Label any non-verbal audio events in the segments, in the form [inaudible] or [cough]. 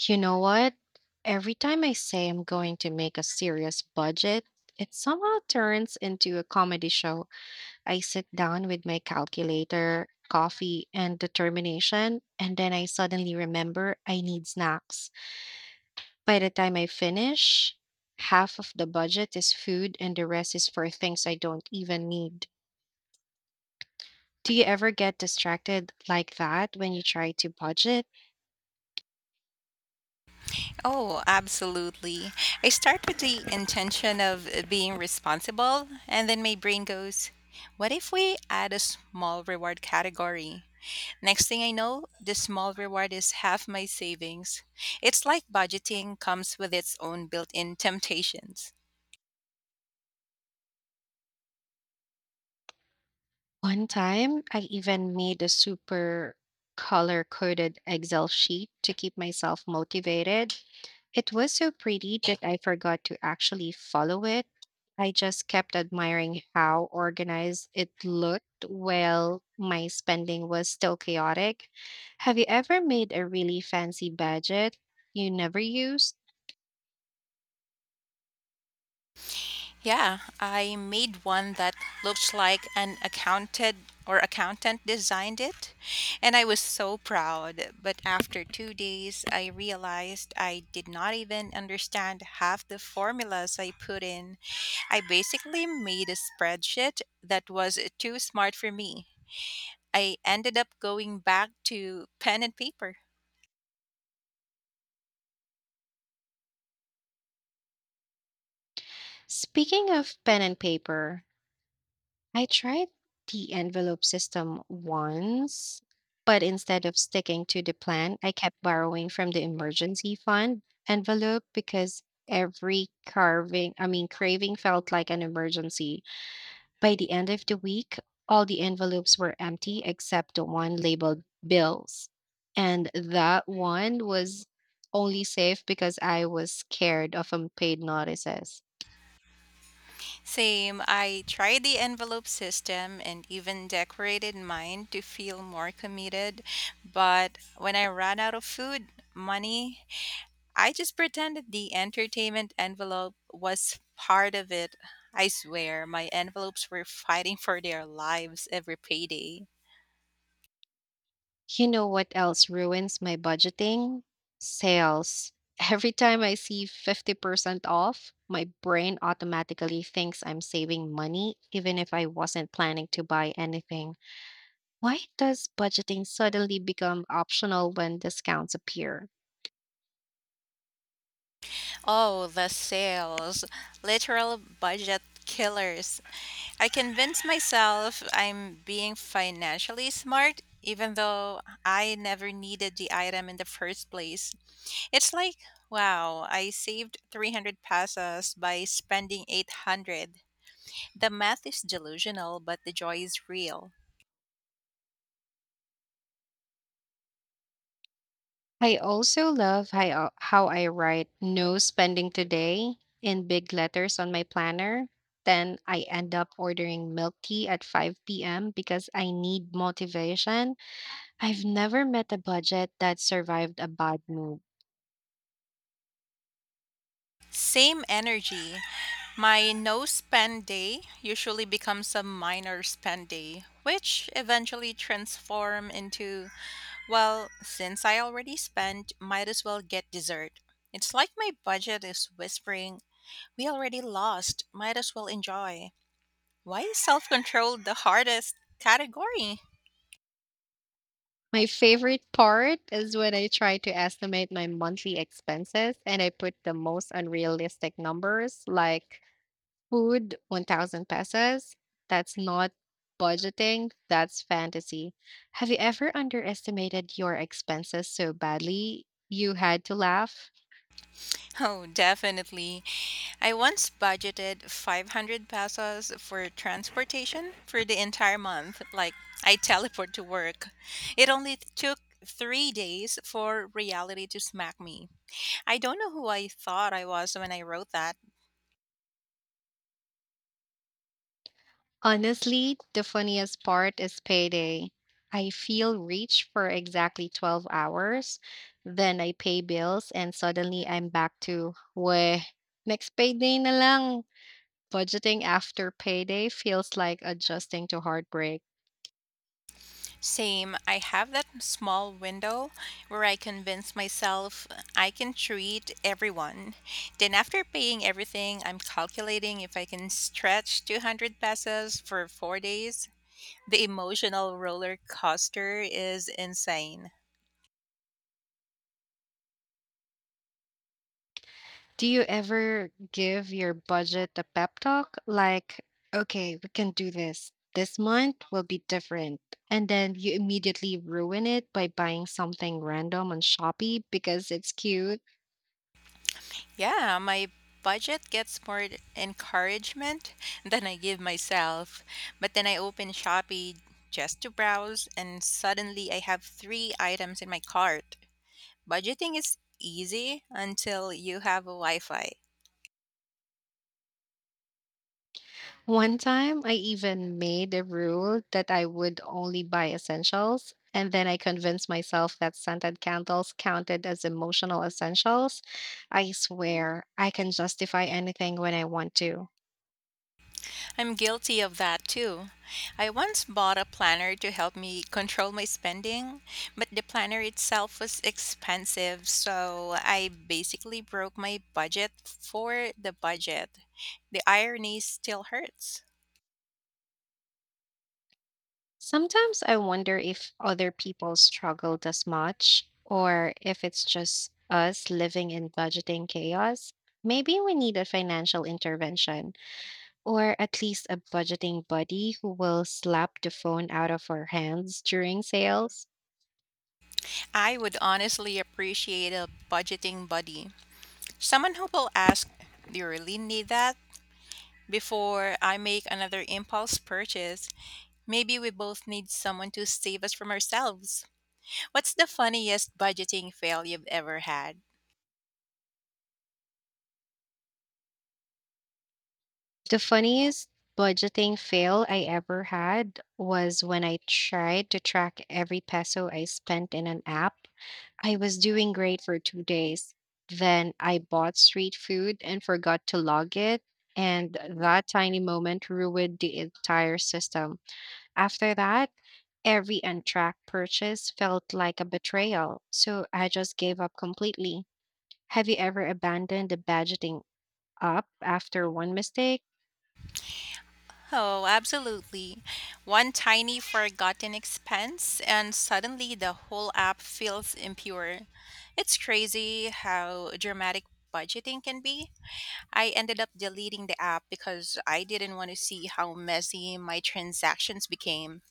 You know what? Every time I say I'm going to make a serious budget, it somehow turns into a comedy show. I sit down with my calculator, coffee, and determination, and then I suddenly remember I need snacks. By the time I finish, half of the budget is food and the rest is for things I don't even need. Do you ever get distracted like that when you try to budget? Oh, absolutely. I start with the intention of being responsible, and then my brain goes, what if we add a small reward category? Next thing I know, the small reward is half my savings. It's like budgeting comes with its own built in temptations. One time, I even made a super color coded Excel sheet to keep myself motivated. It was so pretty that I forgot to actually follow it. I just kept admiring how organized it looked while my spending was still chaotic. Have you ever made a really fancy budget you never used? Yeah, I made one that looked like an accounted or accountant designed it, and I was so proud. But after 2 days, I realized I did not even understand half the formulas I put in. I basically made a spreadsheet that was too smart for me. I ended up going back to pen and paper. Speaking of pen and paper, I tried the envelope system once, but instead of sticking to the plan, I kept borrowing from the emergency fund envelope because every craving felt like an emergency. By the end of the week, all the envelopes were empty except the one labeled bills. And that one was only safe because I was scared of unpaid notices. Same. I tried the envelope system and even decorated mine to feel more committed. But when I ran out of food, money, I just pretended the entertainment envelope was part of it. I swear, my envelopes were fighting for their lives every payday. You know what else ruins my budgeting? Sales. [laughs] Every time I see 50% off, my brain automatically thinks I'm saving money, even if I wasn't planning to buy anything. Why does budgeting suddenly become optional when discounts appear? Oh, the sales. Literal budget killers. I convince myself I'm being financially smart, even though I never needed the item in the first place. It's like, wow, I saved 300 pesos by spending 800. The math is delusional, but the joy is real. I also love how I write no spending today in big letters on my planner. Then I end up ordering milk tea at 5 p.m. because I need motivation. I've never met a budget that survived a bad move. Same energy. My no spend day usually becomes a minor spend day, which eventually transform into, well, since I already spent, might as well get dessert. It's like my budget is whispering, we already lost, might as well enjoy. Why is self control the hardest category? [laughs] My favorite part is when I try to estimate my monthly expenses and I put the most unrealistic numbers like food 1,000 pesos. That's not budgeting, that's fantasy. Have you ever underestimated your expenses so badly you had to laugh? Oh, definitely. I once budgeted 500 pesos for transportation for the entire month. Like, I teleport to work. It only took 3 days for reality to smack me. I don't know who I thought I was when I wrote that. Honestly, the funniest part is payday. I feel rich for exactly 12 hours, then I pay bills and suddenly I'm back to, weh, next payday na lang. Budgeting after payday feels like adjusting to heartbreak. Same. I have that small window where I convince myself I can treat everyone. Then, after paying everything, I'm calculating if I can stretch 200 pesos for 4 days. The emotional roller coaster is insane. Do you ever give your budget a pep talk? Like, okay, we can do this. This month will be different. And then you immediately ruin it by buying something random on Shopee because it's cute. Yeah, my budget gets more encouragement than I give myself. But then I open Shopee just to browse, and suddenly I have three items in my cart. Budgeting is easy until you have a Wi Fi. One time, I even made a rule that I would only buy essentials. And then I convinced myself that scented candles counted as emotional essentials. I swear, I can justify anything when I want to. I'm guilty of that too. I once bought a planner to help me control my spending, but the planner itself was expensive, so I basically broke my budget for the budget. The irony still hurts. Sometimes I wonder if other people struggled as much, or if it's just us living in budgeting chaos. Maybe we need a financial intervention, or at least a budgeting buddy who will slap the phone out of our hands during sales. I would honestly appreciate a budgeting buddy. Someone who will ask, do you really need that? Before I make another impulse purchase, maybe we both need someone to save us from ourselves. What's the funniest budgeting fail you've ever had? The funniest budgeting fail I ever had was when I tried to track every peso I spent in an app. I was doing great for 2 days. Then I bought street food and forgot to log it. And that tiny moment ruined the entire system. After that, every untracked purchase felt like a betrayal, so I just gave up completely. Have you ever abandoned the budgeting up after one mistake? Oh, absolutely. One tiny forgotten expense, and suddenly the whole app feels impure. It's crazy how dramatic budgeting can be. I ended up deleting the app because I didn't want to see how messy my transactions became.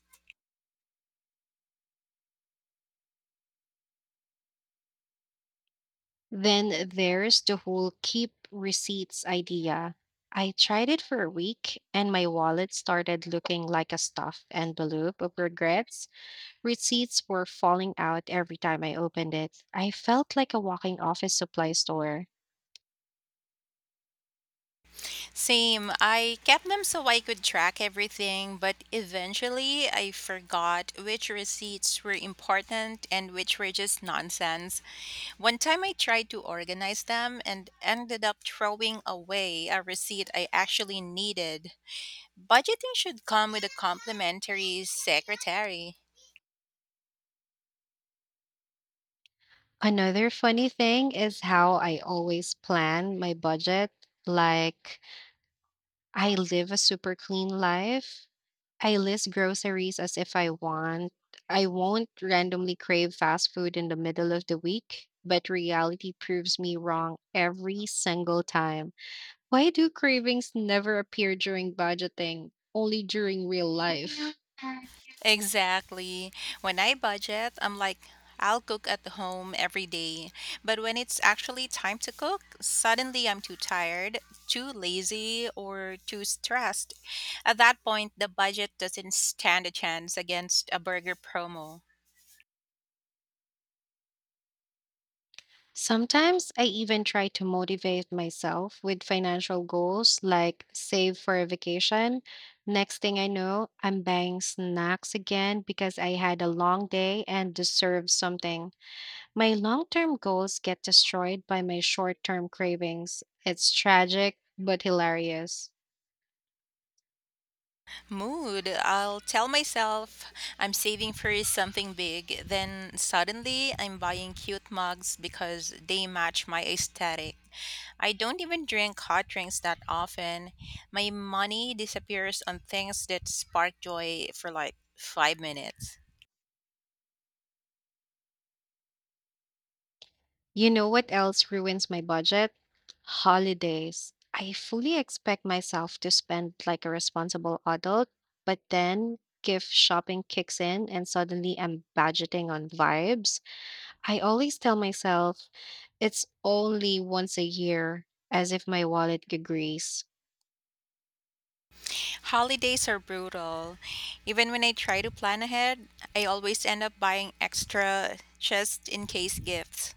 Then there's the whole keep receipts idea. I tried it for a week and my wallet started looking like a stuffed envelope of regrets. Receipts were falling out every time I opened it. I felt like a walking office supply store. Same. I kept them so I could track everything, but eventually I forgot which receipts were important and which were just nonsense. One time I tried to organize them and ended up throwing away a receipt I actually needed. Budgeting should come with a complimentary secretary. Another funny thing is how I always plan my budget. Like, I live a super clean life. I list groceries as if I want. I won't randomly crave fast food in the middle of the week, but reality proves me wrong every single time. Why do cravings never appear during budgeting, only during real life? Exactly. When I budget, I'm like, I'll cook at the home every day. But when it's actually time to cook, suddenly I'm too tired, too lazy, or too stressed. At that point, the budget doesn't stand a chance against a burger promo. Sometimes I even try to motivate myself with financial goals like save for a vacation. Next thing I know, I'm buying snacks again because I had a long day and deserve something. My long term goals get destroyed by my short term cravings. It's tragic but hilarious. Mood. I'll tell myself I'm saving for something big. Then suddenly I'm buying cute mugs because they match my aesthetic. I don't even drink hot drinks that often. My money disappears on things that spark joy for like 5 minutes. You know what else ruins my budget? Holidays. I fully expect myself to spend like a responsible adult, but then gift shopping kicks in and suddenly I'm budgeting on vibes. I always tell myself it's only once a year, as if my wallet agrees. Holidays are brutal. Even when I try to plan ahead, I always end up buying extra just in case gifts.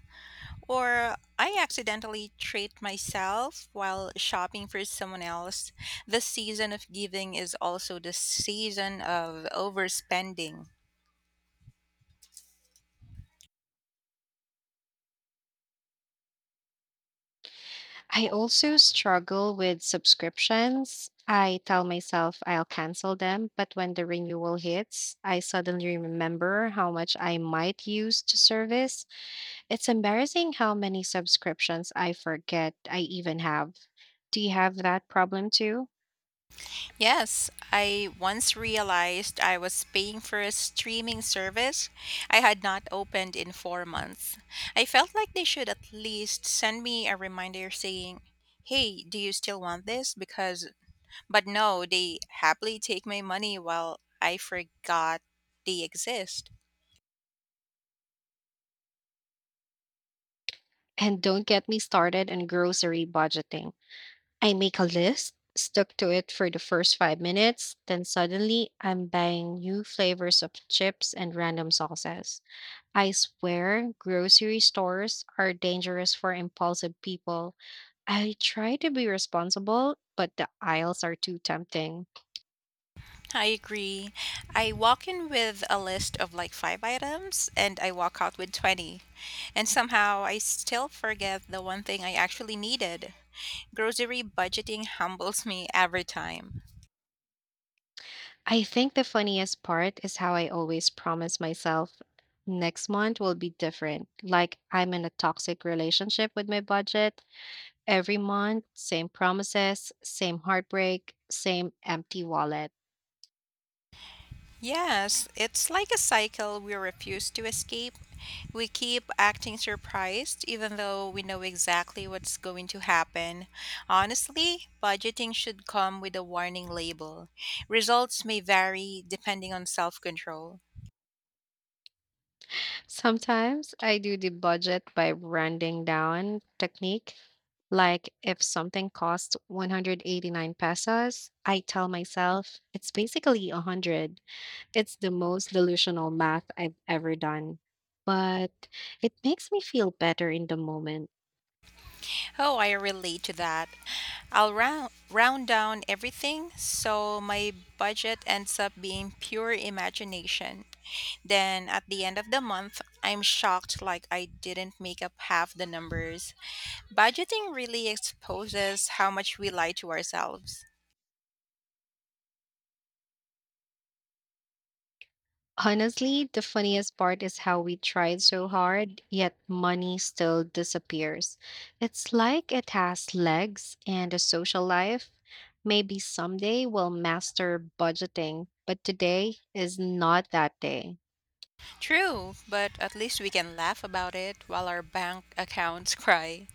Or I accidentally treat myself while shopping for someone else. The season of giving is also the season of overspending. I also struggle with subscriptions. I tell myself I'll cancel them, but when the renewal hits, I suddenly remember how much I might use to service. It's embarrassing how many subscriptions I forget I even have. Do you have that problem too? Yes, I once realized I was paying for a streaming service I had not opened in 4 months. I felt like they should at least send me a reminder saying, hey, do you still want this? Because, but no, they happily take my money while I forgot they exist. And don't get me started on grocery budgeting. I make a list, stuck to it for the first 5 minutes, then suddenly I'm buying new flavors of chips and random sauces. I swear, grocery stores are dangerous for impulsive people. I try to be responsible, but the aisles are too tempting. I agree. I walk in with a list of like five items and I walk out with 20. And somehow I still forget the one thing I actually needed. Grocery budgeting humbles me every time. I think the funniest part is how I always promise myself next month will be different. Like I'm in a toxic relationship with my budget. Every month, same promises, same heartbreak, same empty wallet. Yes, it's like a cycle we refuse to escape. We keep acting surprised even though we know exactly what's going to happen. Honestly, budgeting should come with a warning label. Results may vary depending on self control. Sometimes I do the budget by rounding down technique. Like if something costs 189 pesos, I tell myself it's basically 100. It's the most delusional math I've ever done. But it makes me feel better in the moment. Oh, I relate to that. I'll round down everything, so my budget ends up being pure imagination. Then at the end of the month, I'm shocked like I didn't make up half the numbers. Budgeting really exposes how much we lie to ourselves. Honestly, the funniest part is how we tried so hard, yet money still disappears. It's like it has legs and a social life. Maybe someday we'll master budgeting, but today is not that day. True, but at least we can laugh about it while our bank [laughs] accounts cry.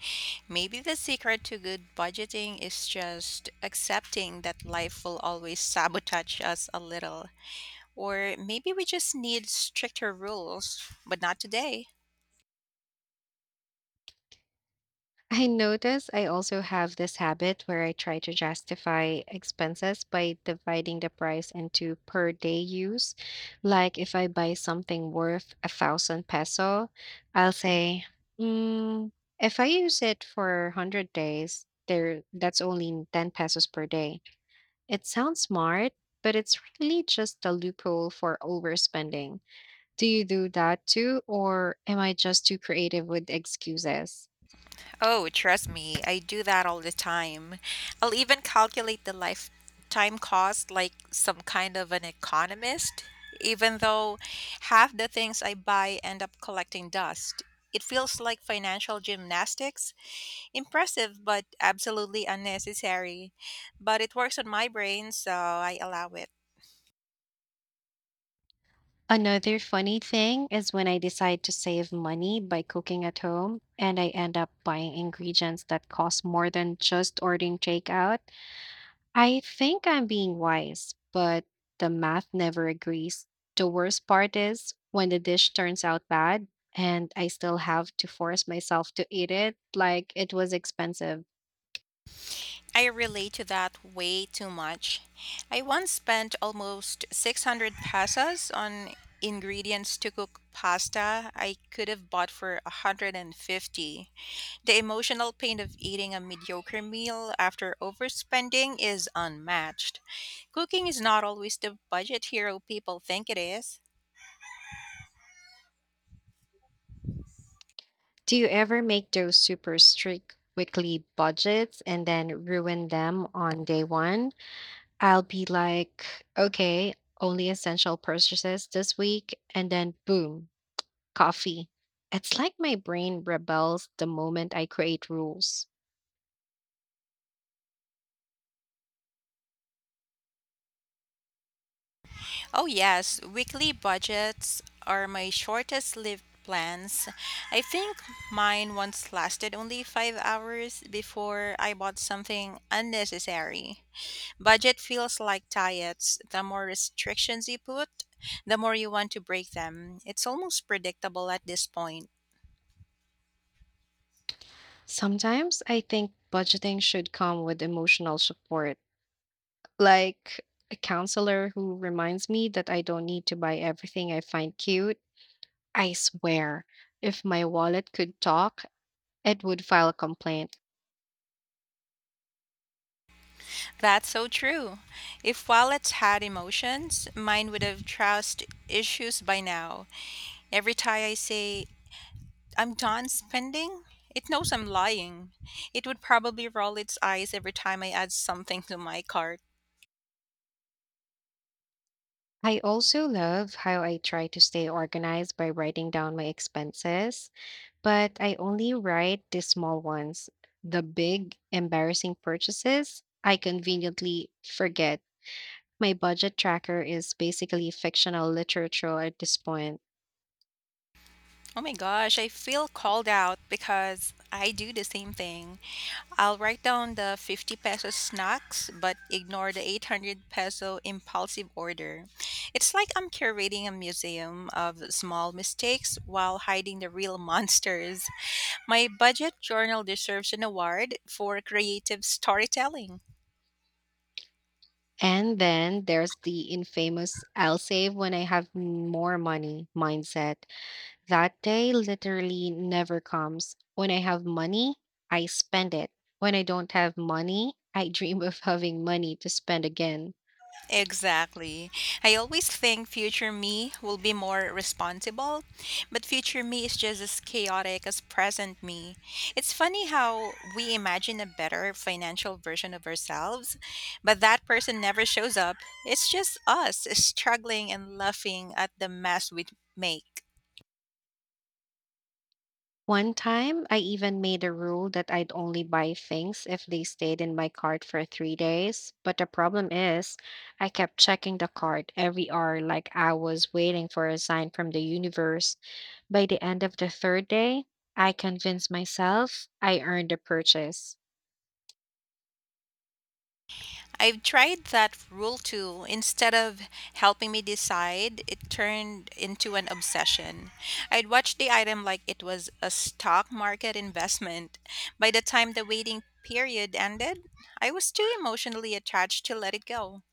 Maybe the secret to good budgeting is just accepting that life will always sabotage us a little. Or maybe we just need stricter rules, but not today. I notice I also have this habit where I try to justify expenses by dividing the price into per day use. Like if I buy something worth a thousand peso, I'll say, mm, if I use it for 100 days, there that's only 10 pesos per day. It sounds smart, but it's really just a loophole for overspending. Do you do that too, or am I just too creative with excuses? Oh, trust me, I do that all the time. I'll even calculate the lifetime cost like some kind of an economist, even though half the things I buy end up collecting dust. It feels like financial gymnastics. Impressive, but absolutely unnecessary. But it works on my brain, so I allow it. Another funny thing is when I decide to save money by cooking at home and I end up buying ingredients that cost more than just ordering takeout. I think I'm being wise, but the math never agrees. The worst part is when the dish turns out bad and I still have to force myself to eat it like it was expensive. I relate to that way too much. I once spent almost 600 pesos on ingredients to cook pasta I could have bought for 150. The emotional pain of eating a mediocre meal after overspending is unmatched. Cooking is not always the budget hero people think it is. Do you ever make those super strict weekly budgets and then ruin them on day one? I'll be like, okay, only essential purchases this week. And then boom, coffee. It's like my brain rebels the moment I create rules. Oh, yes, weekly budgets are my shortest lived plans. I think mine once lasted only 5 hours before I bought something unnecessary. Budget feels like diets. The more restrictions you put, the more you want to break them. It's almost predictable at this point. Sometimes I think budgeting should come with emotional support, like a counselor who reminds me that I don't need to buy everything I find cute. I swear, if my wallet could talk, it would file a complaint. That's so true. If wallets had emotions, mine would have trust issues by now. Every time I say I'm done spending, it knows I'm lying. It would probably roll its eyes every time I add something to my cart. I also love how I try to stay organized by writing down my expenses, but I only write the small ones. The big, embarrassing purchases, I conveniently forget. My budget tracker is basically fictional literature at this point. Oh my gosh, I feel called out because I do the same thing. I'll write down the 50 peso snacks but ignore the 800 peso impulsive order. It's like I'm curating a museum of small mistakes while hiding the real [laughs] monsters. My budget journal deserves an award for creative storytelling. And then there's the infamous I'll save when I have more money mindset. That day literally never comes. When I have money, I spend it. When I don't have money, I [laughs] dream of having money to spend again. Exactly. I always think future me will be more responsible, but future me is just as chaotic as present me. It's funny how we imagine a better financial version of ourselves, but that person never shows up. It's just us struggling and laughing at the mess we make. One time, I even made a rule that I'd only buy things if they stayed in my cart for 3 days. But the problem is, I kept checking the cart every hour like I was waiting for a sign from the universe. By the end of the third day, I convinced myself I earned a purchase. I've tried that rule too. Instead of helping me decide, it turned into an obsession. I'd watch the item like it was a stock market investment. By the time the waiting period ended, I was too emotionally attached to let it go.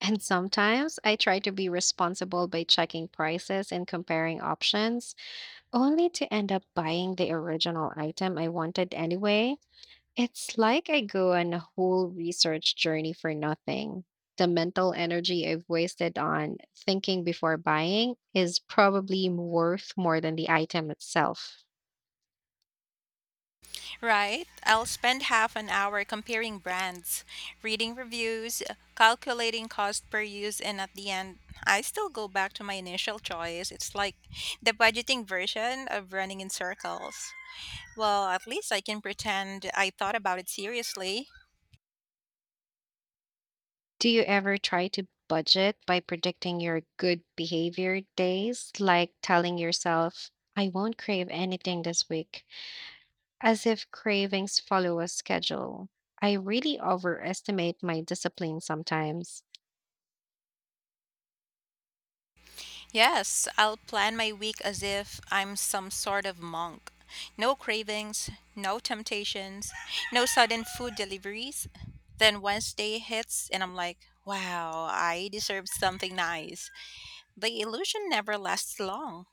And sometimes I try to be responsible by checking prices and comparing options, only to end up buying the original item I wanted anyway. It's like I go on a whole research journey for nothing. The mental energy I've wasted on thinking before buying is probably worth more than the item itself. Right? I'll spend half an hour comparing brands, reading reviews, calculating cost per use, and at the end, I still go back to my initial choice. It's like the budgeting version of running in circles. Well, at least I can pretend I thought about it seriously. Do you ever try to budget by predicting your good behavior days, like telling yourself, I won't crave anything this week, as if cravings follow a schedule? I really overestimate my discipline sometimes. Yes, I'll plan my week as if I'm some sort of monk. No cravings, no temptations, no sudden food deliveries. Then Wednesday hits and I'm like, wow, I deserve something nice. The illusion never lasts long.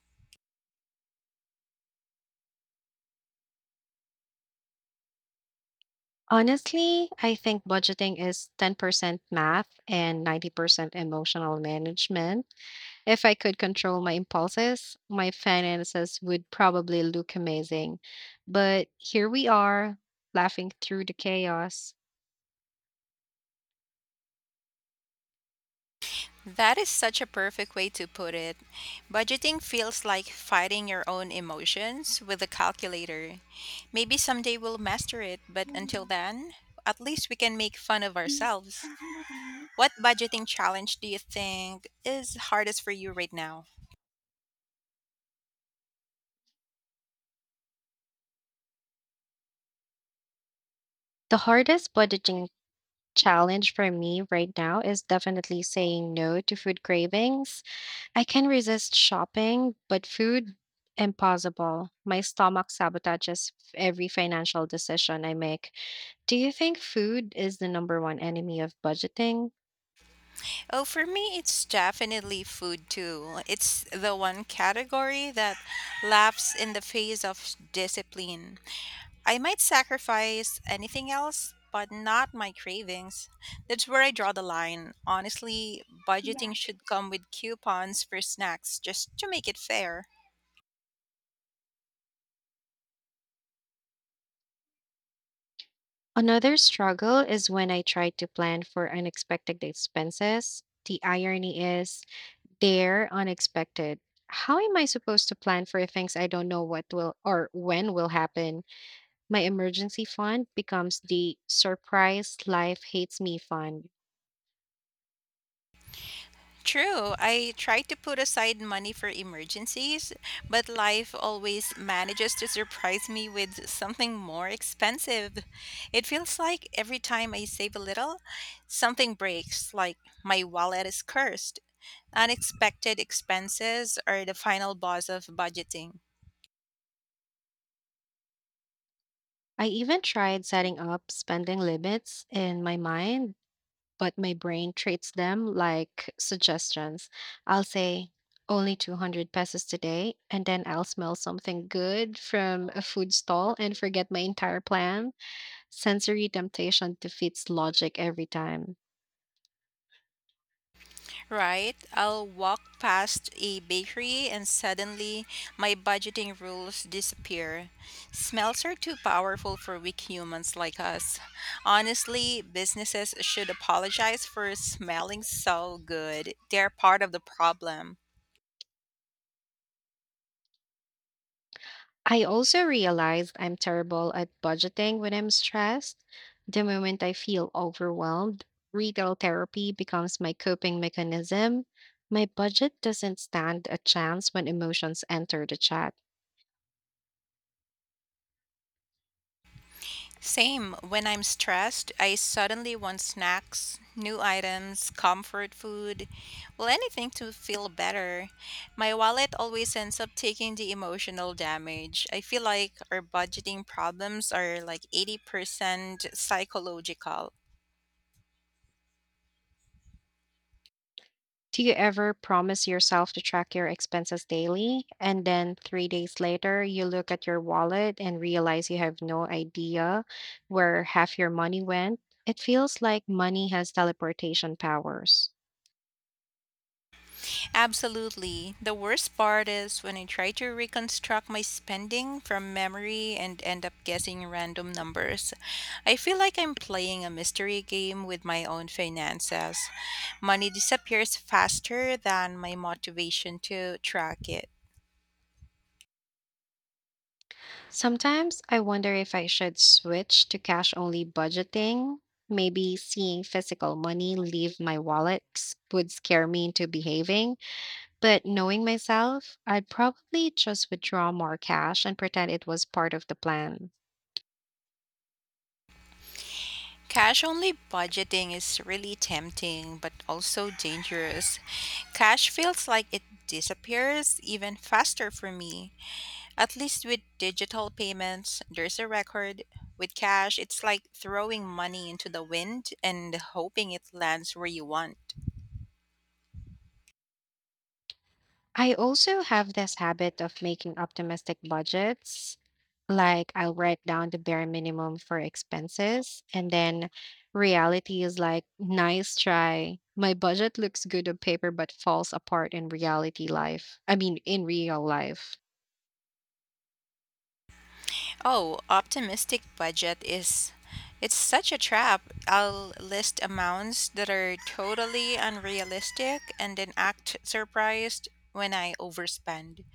Honestly, I think budgeting is 10% math and 90% emotional management. If I could control my impulses, my finances would probably look amazing. But here we are, laughing through the chaos. That is such a perfect way to put it. Budgeting feels like fighting your own emotions with a calculator. Maybe someday we'll master it, but until then, at least we can make fun of ourselves. What budgeting challenge do you think is hardest for you right now? The hardest budgeting challenge for me right now is definitely saying no to food cravings. I can resist shopping, but food, impossible. My stomach sabotages every financial decision I make. Do you think food is the number one enemy of budgeting? Oh, for me, it's definitely food too. It's the one category that laughs in the face of discipline. I might sacrifice anything else, but not my cravings. That's where I draw the line. Honestly, budgeting should come with coupons for snacks just to make it fair. Another struggle is when I try to plan for unexpected expenses. The irony is they're unexpected. How am I supposed to plan for things I don't know what will or when will happen? My emergency fund becomes the surprise life hates me fund. True. I try to put aside money for emergencies, but life always manages to surprise me with something more expensive. It feels like every time I save a little, something breaks, like my wallet is cursed. Unexpected expenses are the final boss of budgeting. I even tried setting up spending limits in my mind, but my brain treats them like suggestions. I'll say only 200 pesos today, and then I'll smell something good from a food stall and forget my entire plan. Sensory temptation defeats logic every time. Right? I'll walk past a bakery and suddenly my budgeting rules disappear. Smells are too powerful for weak humans like us. Honestly, businesses should apologize for smelling so good. They're part of the problem. I also realized I'm terrible at budgeting when I'm stressed. The moment I feel overwhelmed, retail therapy becomes my coping mechanism. My budget doesn't stand a chance when emotions enter the chat. Same. When I'm stressed, I suddenly want snacks, new items, comfort food, well, anything to feel better. My wallet always ends up taking the emotional damage. I feel like our budgeting problems are like 80% psychological. Do you ever promise yourself to track your expenses daily and then 3 days later you look at your wallet and realize you have no idea where half your money went? It feels like money has teleportation powers. Absolutely. The worst part is when I try to reconstruct my spending from memory and end up guessing random numbers. I feel like I'm playing a mystery game with my own finances. Money disappears faster than my motivation to track it. Sometimes I wonder if I should switch to cash only budgeting. Maybe seeing physical money leave my wallet would scare me into behaving, but knowing myself, I'd probably just withdraw more cash and pretend it was part of the plan. Cash only budgeting is really tempting but also dangerous. Cash feels like it disappears even faster for me. At least with digital payments, there's a record. With cash, it's like throwing money into the wind and hoping it lands where you want. I also have this habit of making optimistic budgets. Like I'll write down the bare minimum for expenses and then reality is like nice try. My budget looks good on paper but falls apart in real life. Oh, optimistic budget is it's such a trap. I'll list amounts that are totally unrealistic and then act surprised when I overspend.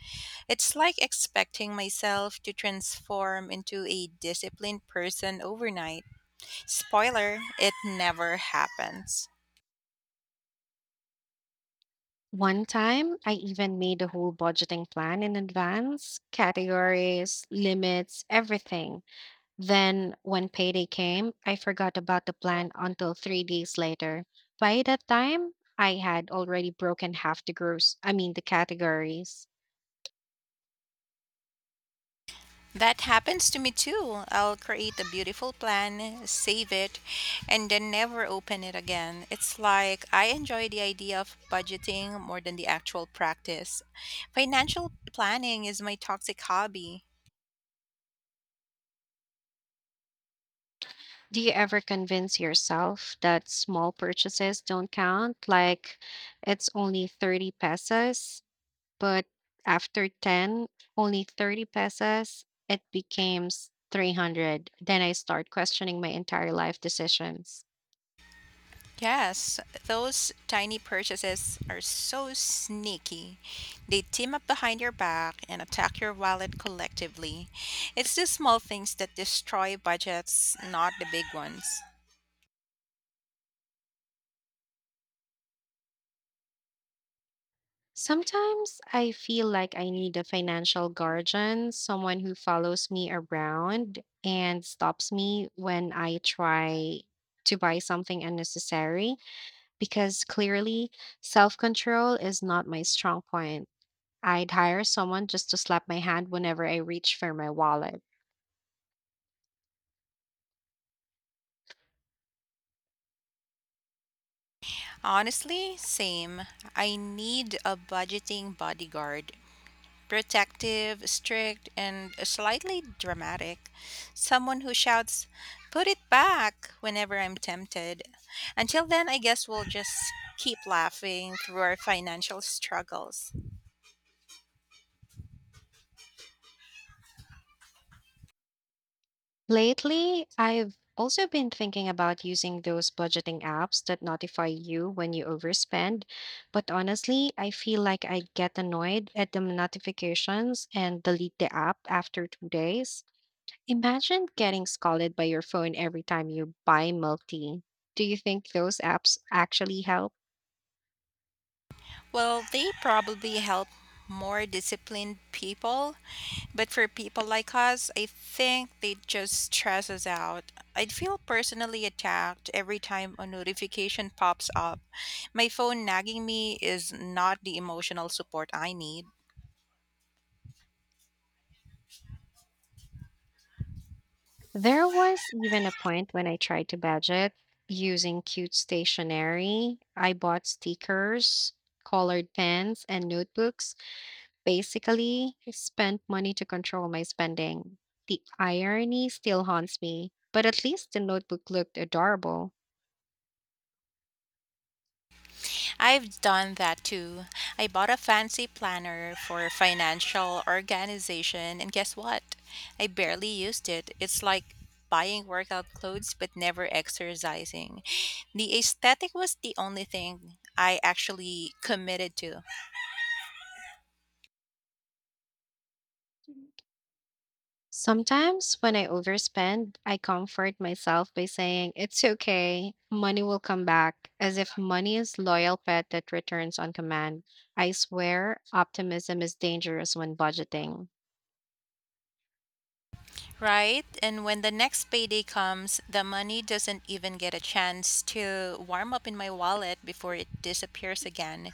It's like expecting myself to transform into a disciplined person overnight. Spoiler, it never happens. One time I even made a whole budgeting plan in advance, categories, limits, everything. Then, when payday came, I forgot about the plan until 3 days later. By that time, I had already broken half the the categories. That happens to me too. I'll create a beautiful plan, save it, and then never open it again. It's like I enjoy the idea of budgeting more than the actual practice. Financial planning is my toxic hobby. Do you ever convince yourself that small purchases don't count? Like it's only 30 pesos, but after 10, only 30 pesos, it becomes 300. Then I start questioning my entire life decisions. Yes, those tiny purchases are so sneaky. They team up behind your back and attack your wallet collectively. It's the small things that destroy budgets, not the big ones. Sometimes I feel like I need a financial guardian, someone who follows me around and stops me when I try to buy something unnecessary, because clearly self control is not my strong point. I'd hire someone just to slap my hand whenever I reach for my wallet. Honestly, same. I need a budgeting bodyguard. Protective, strict, and slightly dramatic. Someone who shouts, put it back whenever I'm tempted. Until then, I guess we'll just keep laughing through our financial struggles. Lately, I've also been thinking about using those budgeting apps that notify you when you overspend. But honestly, I feel like I get annoyed at the notifications and delete the app after 2 days. Imagine getting scolded by your phone every time you buy milk tea. Do you think those apps actually help? Well, they probably help more disciplined people, but for people like us, I think they just stress us out. I'd feel personally attacked every time a notification pops up. My phone nagging me is not the emotional support I need. There was even a point when I tried to budget using cute stationery. I bought stickers, colored pens, and notebooks. Basically, I spent money to control my spending. The irony still haunts me, but at least the notebook looked adorable. I've done that too. I bought a fancy planner for financial organization, and guess what? I barely used it. It's like buying workout clothes but never exercising. The aesthetic was the only thing I actually committed to. Sometimes when I overspend, I comfort myself by saying, it's okay, money will come back, as if money is loyal pet that returns on command. I swear, optimism is dangerous when budgeting. Right? And when the next payday comes, the money doesn't even get a chance to warm up in my wallet before it disappears again.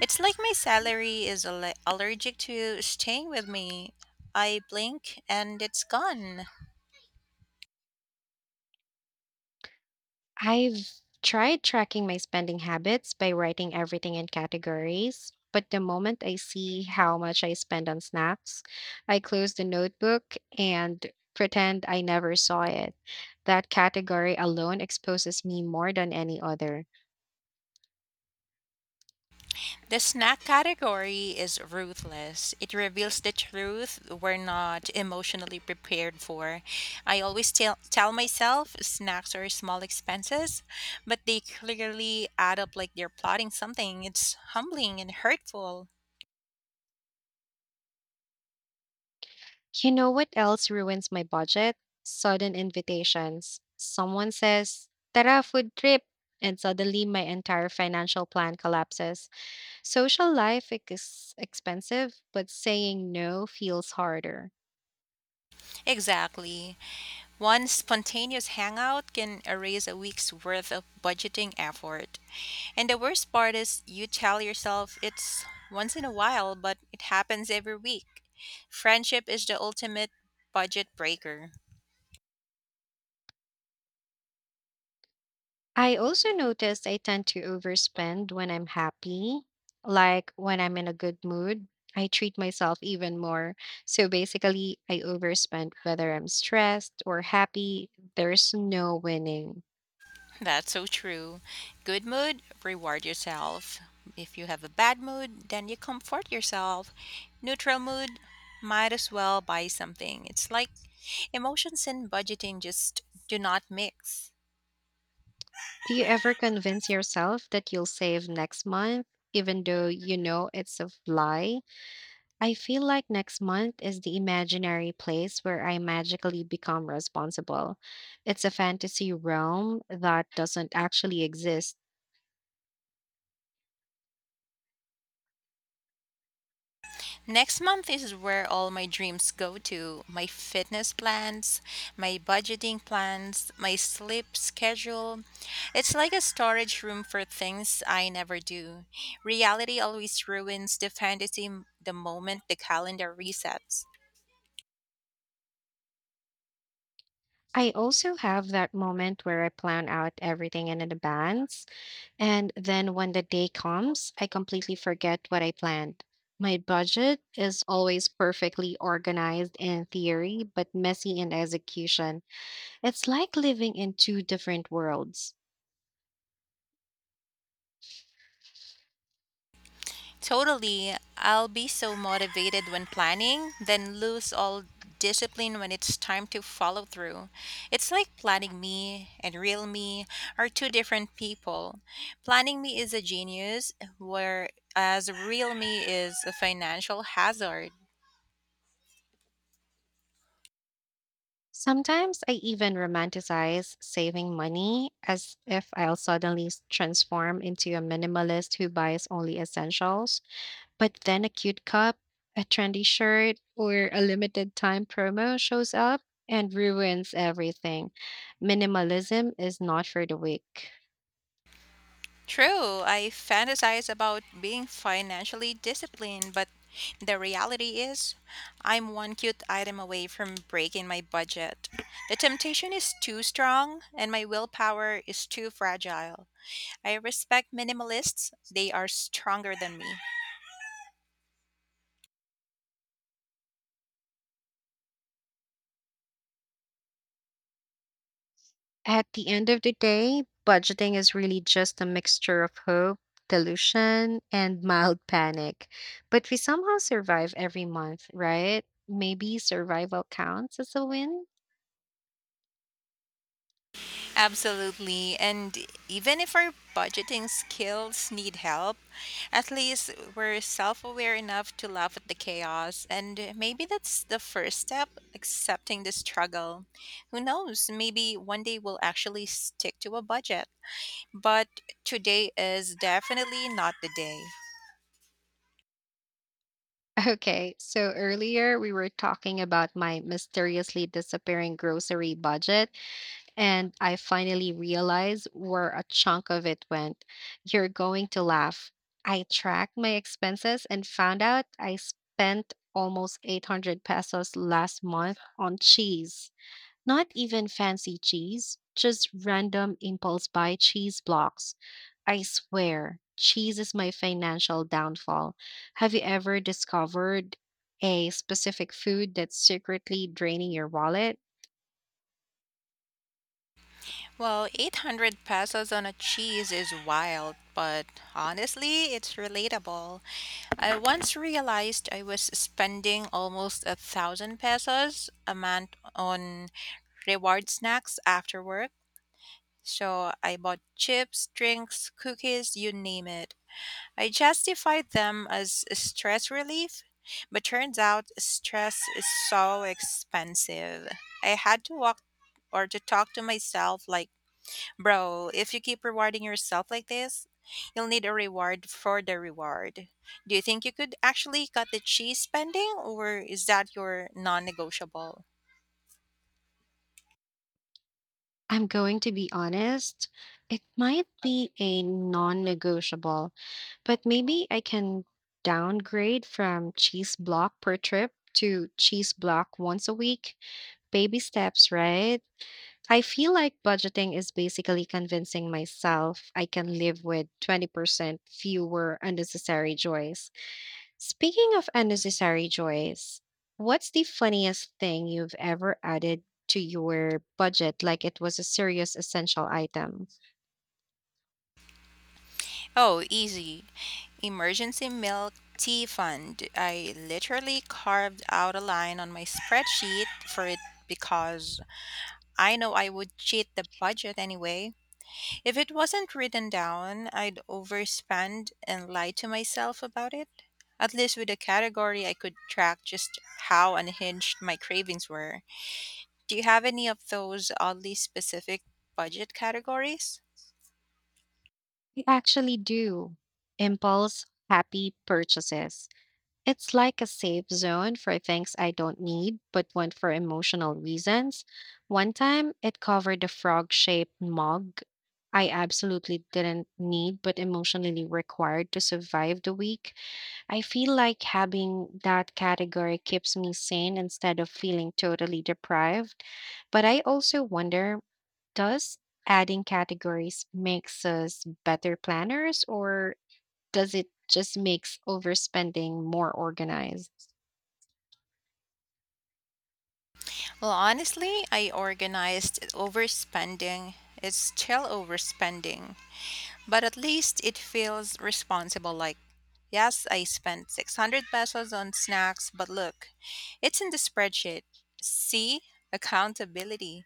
It's like my salary is allergic to staying with me. I blink and it's gone. I've tried tracking my spending habits by writing everything in categories, but the moment I see how much I spend on snacks, I close the notebook and pretend I never saw it. That category alone exposes me more than any other. The snack category is ruthless. It reveals the truth we're not emotionally prepared for. I always tell myself snacks are small expenses, but they clearly add up like they're plotting something. It's humbling and hurtful. You know what else ruins my budget? Sudden invitations. Someone says, Tara, food trip. And suddenly my entire financial plan collapses. Social life is expensive, but saying no feels harder. Exactly. One spontaneous hangout can erase a week's worth of budgeting effort. And the worst part is you tell yourself it's once in a while, but it happens every week. Friendship is the ultimate budget breaker. I also noticed I tend to overspend when I'm happy, like when I'm in a good mood. I treat myself even more. So basically, I overspend whether I'm stressed or happy. There's no winning. That's so true. Good mood, reward yourself. If you have a bad mood, then you comfort yourself. Neutral mood, might as well buy something. It's like emotions and budgeting just do not mix. Do you ever convince yourself that you'll save next month, even though you know it's a lie? I feel like next month is the imaginary place where I magically become responsible. It's a fantasy realm that doesn't actually exist. Next month is where all my dreams go to my fitness plans, my budgeting plans, my sleep schedule. It's like a storage room for things I never do. Reality always ruins the fantasy the moment the calendar resets. I also have that moment where I plan out everything in advance, and then when the day comes, I completely forget what I planned. My budget is always perfectly organized in theory, but messy in execution. It's like living in two different worlds. Totally. I'll be so motivated when planning, then lose all discipline when it's time to follow through. It's like planning me and real me are two different people. Planning me is a genius, whereas real me is a financial hazard. Sometimes I even romanticize saving money as if I'll suddenly transform into a minimalist who buys only essentials. But then a cute cup, a trendy shirt, or a limited time promo shows up and ruins everything. Minimalism is not for the weak. True, I fantasize about being financially disciplined, but the reality is, I'm one cute item away from breaking my budget. The temptation is too strong, and my willpower is too fragile. I respect minimalists, they are stronger than me. At the end of the day, budgeting is really just a mixture of hope, delusion, and [laughs] mild panic. But we somehow survive every month, right? Maybe survival counts as a win? Absolutely. And even if our budgeting skills need help, at least we're self aware enough to laugh at the chaos. And maybe that's the first step accepting the struggle. Who knows? Maybe one day we'll actually stick to a budget. But today is definitely not the day. [laughs] Okay, so earlier we were talking about my mysteriously disappearing grocery budget. And I finally realized where a chunk of it went. You're going to laugh. I tracked my expenses and found out I spent almost 800 pesos last month on cheese. Not even fancy cheese, just random impulse buy cheese blocks. I swear, cheese is my financial downfall. Have you ever discovered a specific food that's secretly draining your wallet? Well, 800 pesos on a cheese is wild, but honestly, it's relatable. I once realized I was spending almost 1,000 pesos a month on reward snacks after work. So I bought chips, drinks, cookies, you name it. I justified them as stress relief, but turns out stress is so expensive. I had to walk or to talk to myself like Bro, if you keep rewarding yourself like this, you'll need a reward for the reward. Do you think you could actually cut the cheese spending, or is that your non negotiable? I'm going to be honest. It might be a non negotiable, but maybe I can downgrade from cheese block per trip to cheese block once a week. Baby steps, right? I feel like budgeting is basically convincing myself I can live with 20% fewer unnecessary joys. Speaking of unnecessary joys, what's the funniest thing you've ever added to your budget like it was a serious essential item? Oh, easy. Emergency milk tea fund. I literally carved out a line on my spreadsheet for it because I know I would cheat the budget anyway. If it wasn't written down, I'd overspend and lie to myself about it. At least with a category, I could track just how unhinged my cravings were. Do you have any of those oddly specific budget categories? We actually do impulse happy purchases. It's like a safe zone for things I don't need but want for emotional reasons. One time it covered a frog shaped mug I absolutely didn't need but emotionally required to survive the week. I feel like having that category keeps me sane instead of feeling totally deprived. But I also wonder, does adding categories makes us better planners or does it just makes overspending more organized? Well, honestly, I organized overspending. It's still overspending. But at least it feels responsible like, yes, I spent 600 pesos on snacks, but look, it's in the spreadsheet. See? Accountability.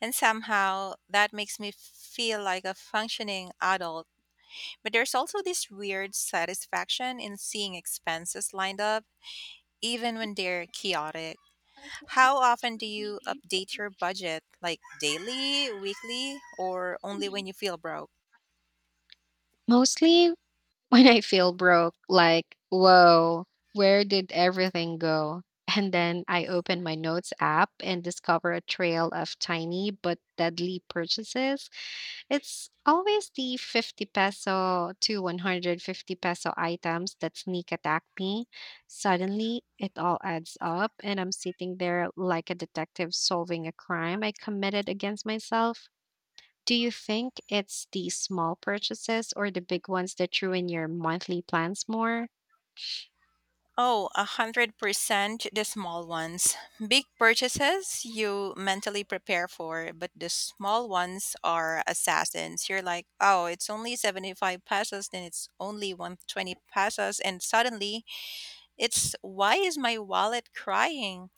And somehow that makes me feel like a functioning adult. But there's also this weird satisfaction in seeing expenses lined up, even when they're chaotic. How often do you update your budget? Like daily, weekly, or only when you feel broke? Mostly when I feel broke, like, whoa, where did everything go? And then I open my notes app and discover a trail of tiny but deadly purchases. It's always the 50 peso to 150 peso items that sneak attack me. Suddenly, it all adds up, and I'm sitting there like a detective solving a crime I committed against myself. Do you think it's the small purchases or the big ones that ruin your monthly plans more? Oh, 100% the small ones. Big purchases you mentally prepare for, but the small ones are assassins. You're like, oh, it's only 75 pesos, then it's only 120 pesos, and suddenly it's why is my wallet crying?